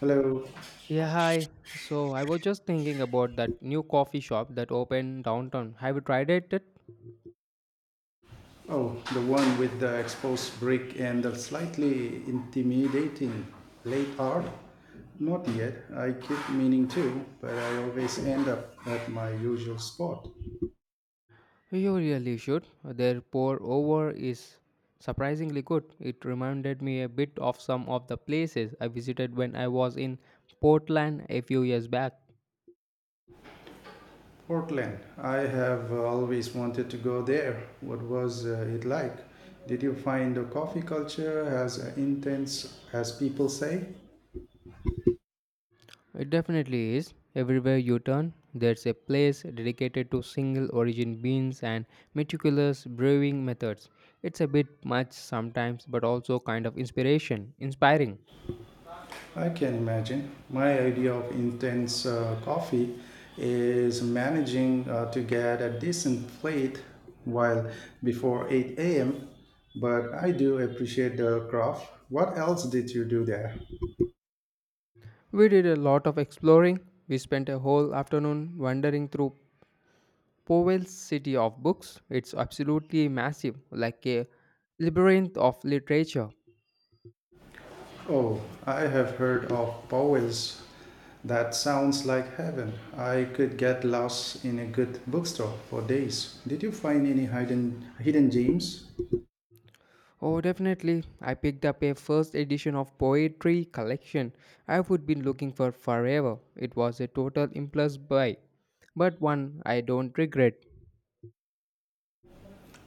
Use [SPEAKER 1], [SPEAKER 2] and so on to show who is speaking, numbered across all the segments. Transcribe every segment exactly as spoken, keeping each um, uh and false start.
[SPEAKER 1] Hello.
[SPEAKER 2] Yeah, hi. So I was just thinking about that new coffee shop that opened downtown. Have you tried it? yet?
[SPEAKER 1] Oh, the one with the exposed brick and the slightly intimidating late art? Not yet. I keep meaning to, but I always end up at my usual spot.
[SPEAKER 2] You really should. Their pour over is surprisingly good. It reminded me a bit of some of the places I visited when I was in Portland a few years back.
[SPEAKER 1] Portland. I have always wanted to go there. What was uh, it like? Did you find the coffee culture as intense as people say?
[SPEAKER 2] It definitely is. Everywhere you turn, there's a place dedicated to single origin beans and meticulous brewing methods. It's a bit much sometimes, but also kind of inspiration, inspiring.
[SPEAKER 1] I can imagine. My idea of intense uh, coffee is managing uh, to get a decent plate while before eight a m. But I do appreciate the craft. What else did you do there?
[SPEAKER 2] We did a lot of exploring. We spent a whole afternoon wandering through Powell's City of Books. It's absolutely massive, like a labyrinth of literature.
[SPEAKER 1] Oh, I have heard of Powell's. That sounds like heaven. I could get lost in a good bookstore for days. Did you find any hidden hidden gems?
[SPEAKER 2] Oh, definitely. I picked up a first edition of poetry collection I would been looking for forever. It was a total impulse buy, but one I don't regret.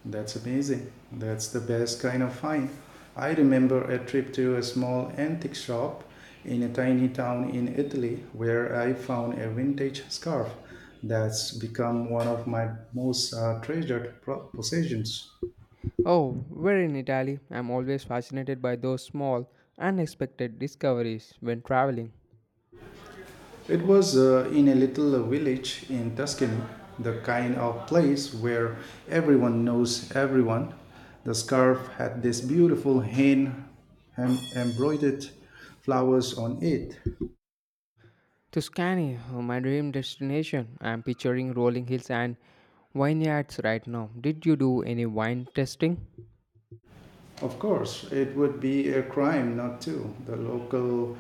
[SPEAKER 1] That's amazing. That's the best kind of find. I remember a trip to a small antique shop in a tiny town in Italy where I found a vintage scarf that's become one of my most uh, treasured pro- possessions.
[SPEAKER 2] Oh, we're in Italy. I'm always fascinated by those small, unexpected discoveries when traveling.
[SPEAKER 1] It was uh, in a little village in Tuscany, the kind of place where everyone knows everyone. The scarf had this beautiful hand hem- embroidered flowers on it.
[SPEAKER 2] Tuscany, uh, my dream destination. I'm picturing rolling hills and vineyards right now. Did you do any wine tasting?
[SPEAKER 1] Of course, it would be a crime not to. The local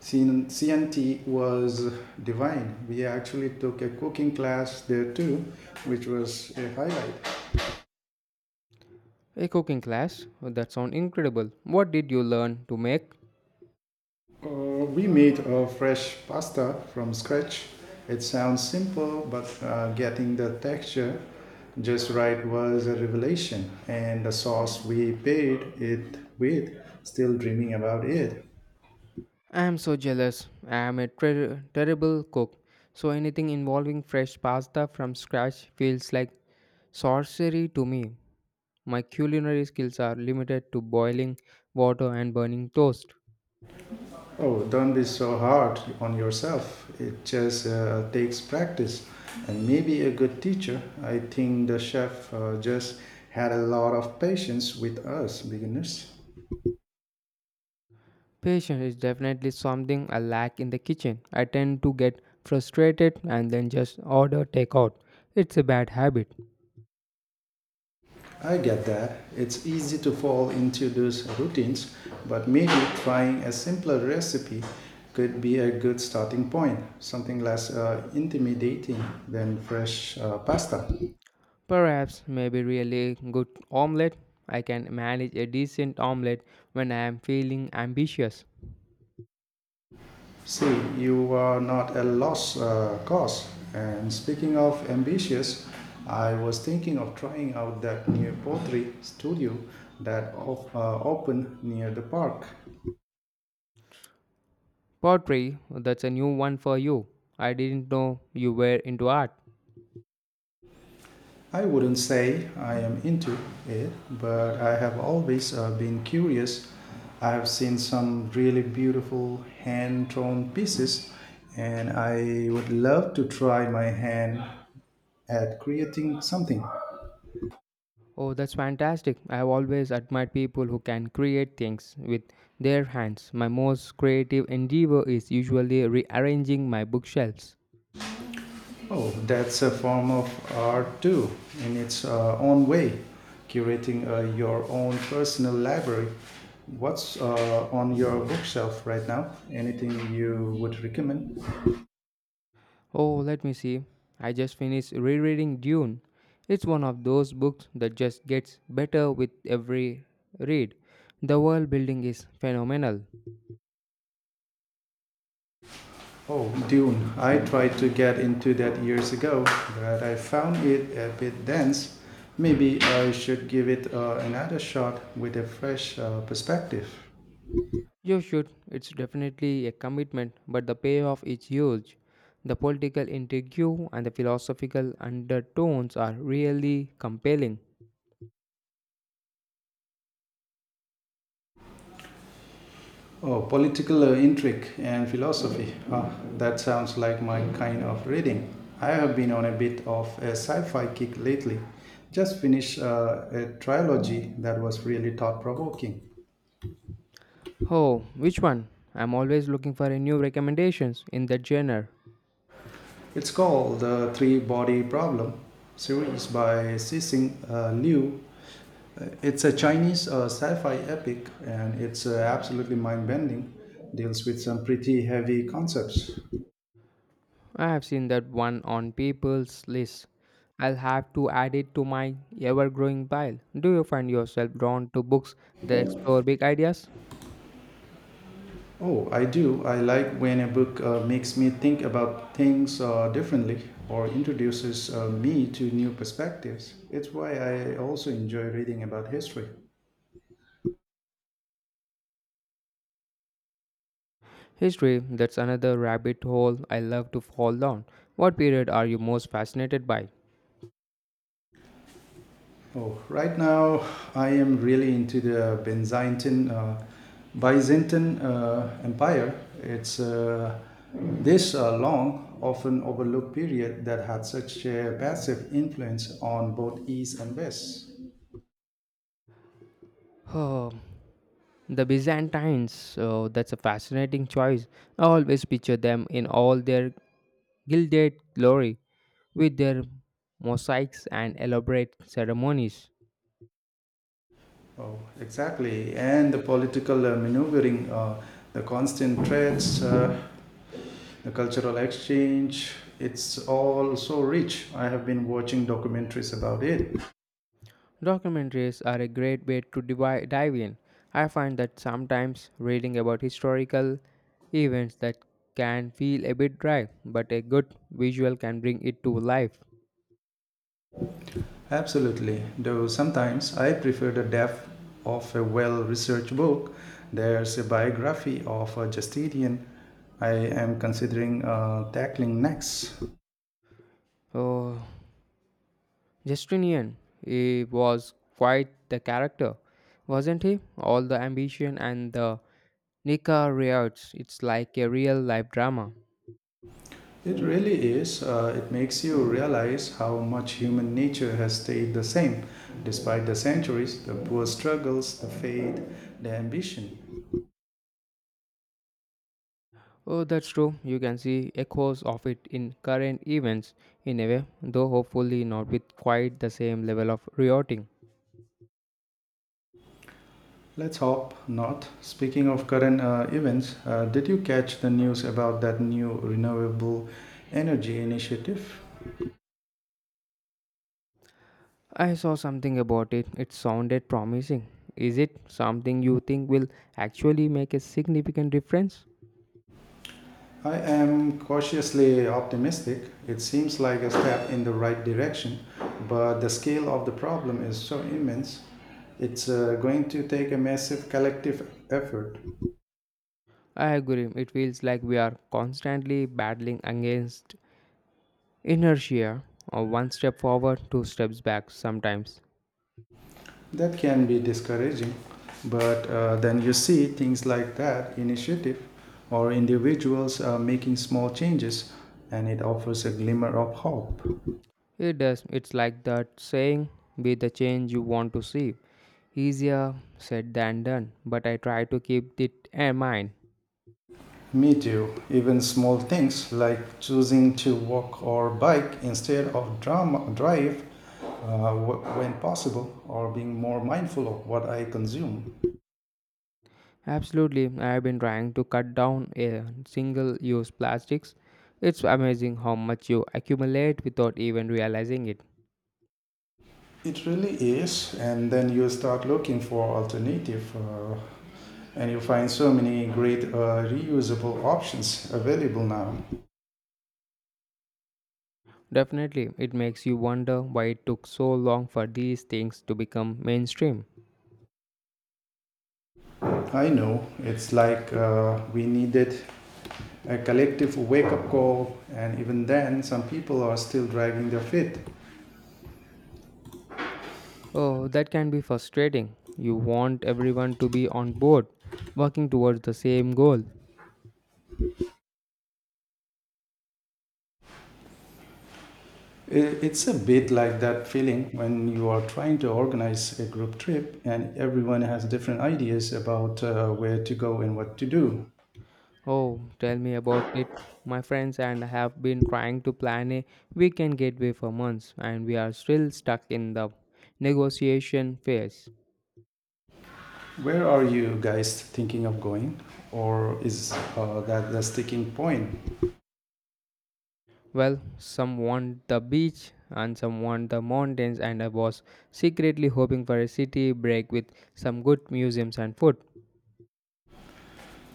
[SPEAKER 1] C N T was divine. We actually took a cooking class there too, which was a highlight.
[SPEAKER 2] A cooking class? Oh, that sounds incredible. What did you learn to make?
[SPEAKER 1] Uh, we made uh, fresh pasta from scratch. It sounds simple, but uh, getting the texture just right was a revelation. And the sauce we paid it with, still dreaming about it.
[SPEAKER 2] I am so jealous. I am a ter- terrible cook. So anything involving fresh pasta from scratch feels like sorcery to me. My culinary skills are limited to boiling water and burning toast.
[SPEAKER 1] Oh, don't be so hard on yourself. It just uh, takes practice. And maybe a good teacher. I think the chef uh, just had a lot of patience with us beginners.
[SPEAKER 2] Patience is definitely something I lack in the kitchen. I tend to get frustrated and then just order takeout. It's a bad habit.
[SPEAKER 1] I get that. It's easy to fall into those routines, but maybe trying a simpler recipe could be a good starting point, something less uh, intimidating than fresh uh, pasta.
[SPEAKER 2] Perhaps maybe really good omelette. I can manage a decent omelette when I am feeling ambitious.
[SPEAKER 1] See, you are not a lost uh, cause. And speaking of ambitious, I was thinking of trying out that new pottery studio that op- uh, opened near the park.
[SPEAKER 2] Pottery, that's a new one for you. I didn't know you were into art.
[SPEAKER 1] I wouldn't say I am into it, but I have always uh, been curious. I have seen some really beautiful hand drawn pieces, and I would love to try my hand at creating something.
[SPEAKER 2] Oh, that's fantastic. I've always admired people who can create things with their hands. My most creative endeavor is usually rearranging my bookshelves.
[SPEAKER 1] Oh, that's a form of art too, in its uh, own way, curating uh, your own personal library. What's uh, on your bookshelf right now? Anything you would recommend?
[SPEAKER 2] Oh, let me see. I just finished rereading Dune. It's one of those books that just gets better with every read. The world building is phenomenal.
[SPEAKER 1] Oh, Dune. I tried to get into that years ago, but I found it a bit dense. Maybe I should give it uh, another shot with a fresh uh, perspective.
[SPEAKER 2] You should, it's definitely a commitment, but the payoff is huge. The political intrigue and the philosophical undertones are really compelling.
[SPEAKER 1] Oh, political uh, intrigue and philosophy. Ah, that sounds like my kind of reading. I have been on a bit of a sci fi kick lately. Just finished uh, a trilogy that was really thought provoking.
[SPEAKER 2] Oh, which one? I'm always looking for a new recommendations in that genre.
[SPEAKER 1] It's called The Three Body Problem series by Cixin uh, Liu. It's a Chinese uh, sci fi epic and it's uh, absolutely mind bending. Deals with some pretty heavy concepts.
[SPEAKER 2] I have seen that one on people's list. I'll have to add it to my ever growing pile. Do you find yourself drawn to books that explore big ideas?
[SPEAKER 1] Oh, I do. I like when a book uh, makes me think about things uh, differently or introduces uh, me to new perspectives. It's why I also enjoy reading about history.
[SPEAKER 2] History, that's another rabbit hole I love to fall down. What period are you most fascinated by?
[SPEAKER 1] Oh, right now I am really into the Byzantine uh, Byzantine uh, Empire. It's uh, this uh, long, often overlooked period that had such a massive influence on both East and West.
[SPEAKER 2] Oh, the Byzantines. Oh, that's a fascinating choice. I always picture them in all their gilded glory with their mosaics and elaborate ceremonies.
[SPEAKER 1] Oh, exactly. And the political uh, maneuvering, uh, the constant threats, uh, the cultural exchange, it's all so rich. I have been watching documentaries about it.
[SPEAKER 2] Documentaries are a great way to divi- dive in. I find that sometimes reading about historical events that can feel a bit dry, but a good visual can bring it to life.
[SPEAKER 1] Absolutely. Though sometimes I prefer the depth of a well researched book. There's a biography of a Justinian I am considering uh, tackling next.
[SPEAKER 2] Oh, Justinian, he was quite the character, wasn't he? All the ambition and the Nika riots, it's like a real life drama.
[SPEAKER 1] It really is. Uh, it makes you realize how much human nature has stayed the same despite the centuries, the poor struggles, the faith, the ambition.
[SPEAKER 2] Oh, that's true. You can see echoes of it in current events, in a way, though hopefully not with quite the same level of rioting.
[SPEAKER 1] Let's hope not. Speaking of current uh, events, uh, did you catch the news about that new renewable energy initiative?
[SPEAKER 2] I saw something about it. It sounded promising. Is it something you think will actually make a significant difference?
[SPEAKER 1] I am cautiously optimistic. It seems like a step in the right direction, but the scale of the problem is so immense. It's uh, going to take a massive collective effort.
[SPEAKER 2] I agree. It feels like we are constantly battling against inertia, or one step forward, two steps back sometimes.
[SPEAKER 1] That can be discouraging, but uh, then you see things like that initiative or individuals uh, making small changes, and it offers a glimmer of hope.
[SPEAKER 2] It does. It's like that saying, be the change you want to see. Easier said than done, but I try to keep it in mind.
[SPEAKER 1] Me too. Even small things like choosing to walk or bike instead of dram- drive uh, wh- when possible, or being more mindful of what I consume.
[SPEAKER 2] Absolutely, I have been trying to cut down on single use plastics. It's amazing how much you accumulate without even realizing it.
[SPEAKER 1] It really is. And then you start looking for alternative, uh, and you find so many great uh, reusable options available now.
[SPEAKER 2] Definitely, it makes you wonder why it took so long for these things to become mainstream.
[SPEAKER 1] I know it's like uh, we needed a collective wake up call, and even then, some people are still dragging their feet.
[SPEAKER 2] Oh, that can be frustrating. You want everyone to be on board, working towards the same goal.
[SPEAKER 1] I- It's a bit like that feeling when you are trying to organize a group trip and everyone has different ideas about uh, where to go and what to do.
[SPEAKER 2] Oh, tell me about it. My friends and I have been trying to plan a weekend getaway for months, and we are still stuck in the negotiation phase.
[SPEAKER 1] Where are you guys thinking of going? Or is uh, that the sticking point?
[SPEAKER 2] Well, some want the beach and some want the mountains, and I was secretly hoping for a city break with some good museums and food.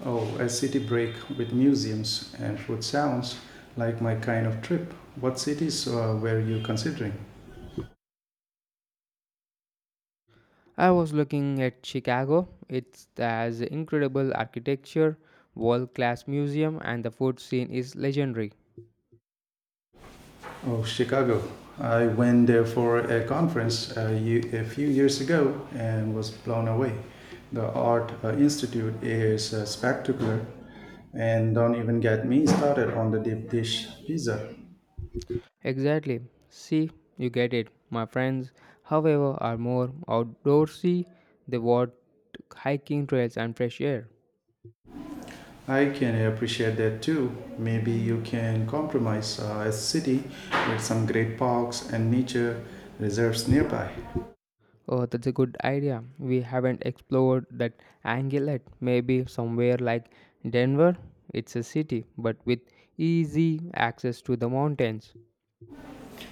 [SPEAKER 1] Oh, a city break with museums and food sounds like my kind of trip. What cities uh, were you considering?
[SPEAKER 2] I was looking at Chicago. It has incredible architecture, world class museum, and the food scene is legendary.
[SPEAKER 1] Oh, Chicago. I went there for a conference uh, ye- a few years ago and was blown away. The Art uh, Institute is uh, spectacular, and don't even get me started on the deep dish pizza.
[SPEAKER 2] Exactly. See, you get it. My friends, however, are more outdoorsy. They want hiking trails and fresh air.
[SPEAKER 1] I can appreciate that too. Maybe you can compromise uh, a city with some great parks and nature reserves nearby.
[SPEAKER 2] Oh, that's a good idea. We haven't explored that angle yet. Maybe somewhere like Denver. It's a city, but with easy access to the mountains.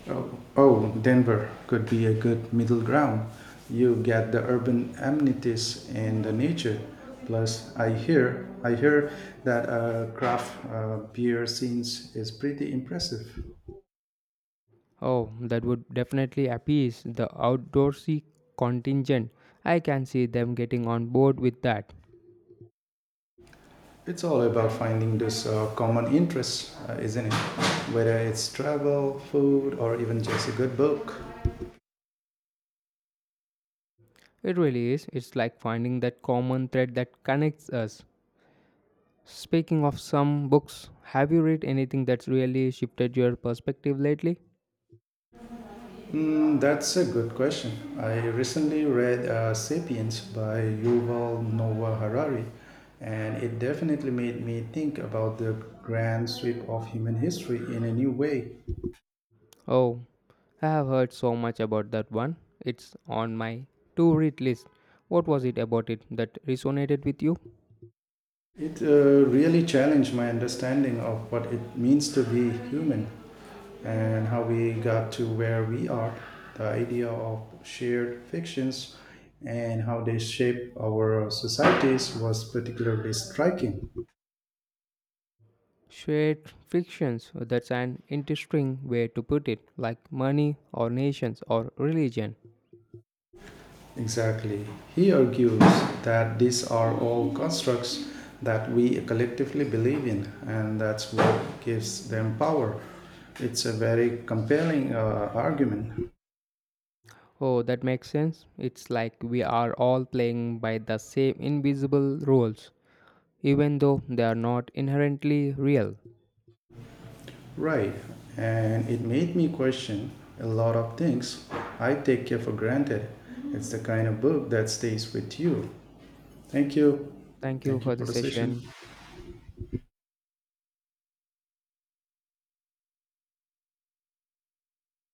[SPEAKER 1] Oh, oh, Denver could be a good middle ground. You get the urban amenities and the nature. Plus, I hear I hear that uh, craft uh, beer scenes is pretty impressive.
[SPEAKER 2] Oh, that would definitely appease the outdoorsy contingent. I can see them getting on board with that.
[SPEAKER 1] It's all about finding those uh, common interests, uh, isn't it? Whether it's travel, food, or even just a good book.
[SPEAKER 2] It really is. It's like finding that common thread that connects us. Speaking of some books, have you read anything that's really shifted your perspective lately?
[SPEAKER 1] Mm, that's a good question. I recently read uh, *Sapiens* by Yuval Noah Harari, and it definitely made me think about the grand sweep of human history in a new way.
[SPEAKER 2] Oh, I have heard so much about that one. It's on my to read list. What was it about it that resonated with you?
[SPEAKER 1] It uh, really challenged my understanding of what it means to be human and how we got to where we are, the idea of shared fictions and how they shape our societies was particularly striking.
[SPEAKER 2] Shared frictions, that's an interesting way to put it, like money or nations or religion.
[SPEAKER 1] Exactly. He argues that these are all constructs that we collectively believe in, and that's what gives them power. It's a very compelling uh, argument.
[SPEAKER 2] Oh, that makes sense. It's like we are all playing by the same invisible rules even though they are not inherently real.
[SPEAKER 1] Right. And it made me question a lot of things I take care for granted. It's the kind of book that stays with you. Thank you.
[SPEAKER 2] Thank you
[SPEAKER 1] Thank you
[SPEAKER 2] for the
[SPEAKER 1] for the session.
[SPEAKER 2] session.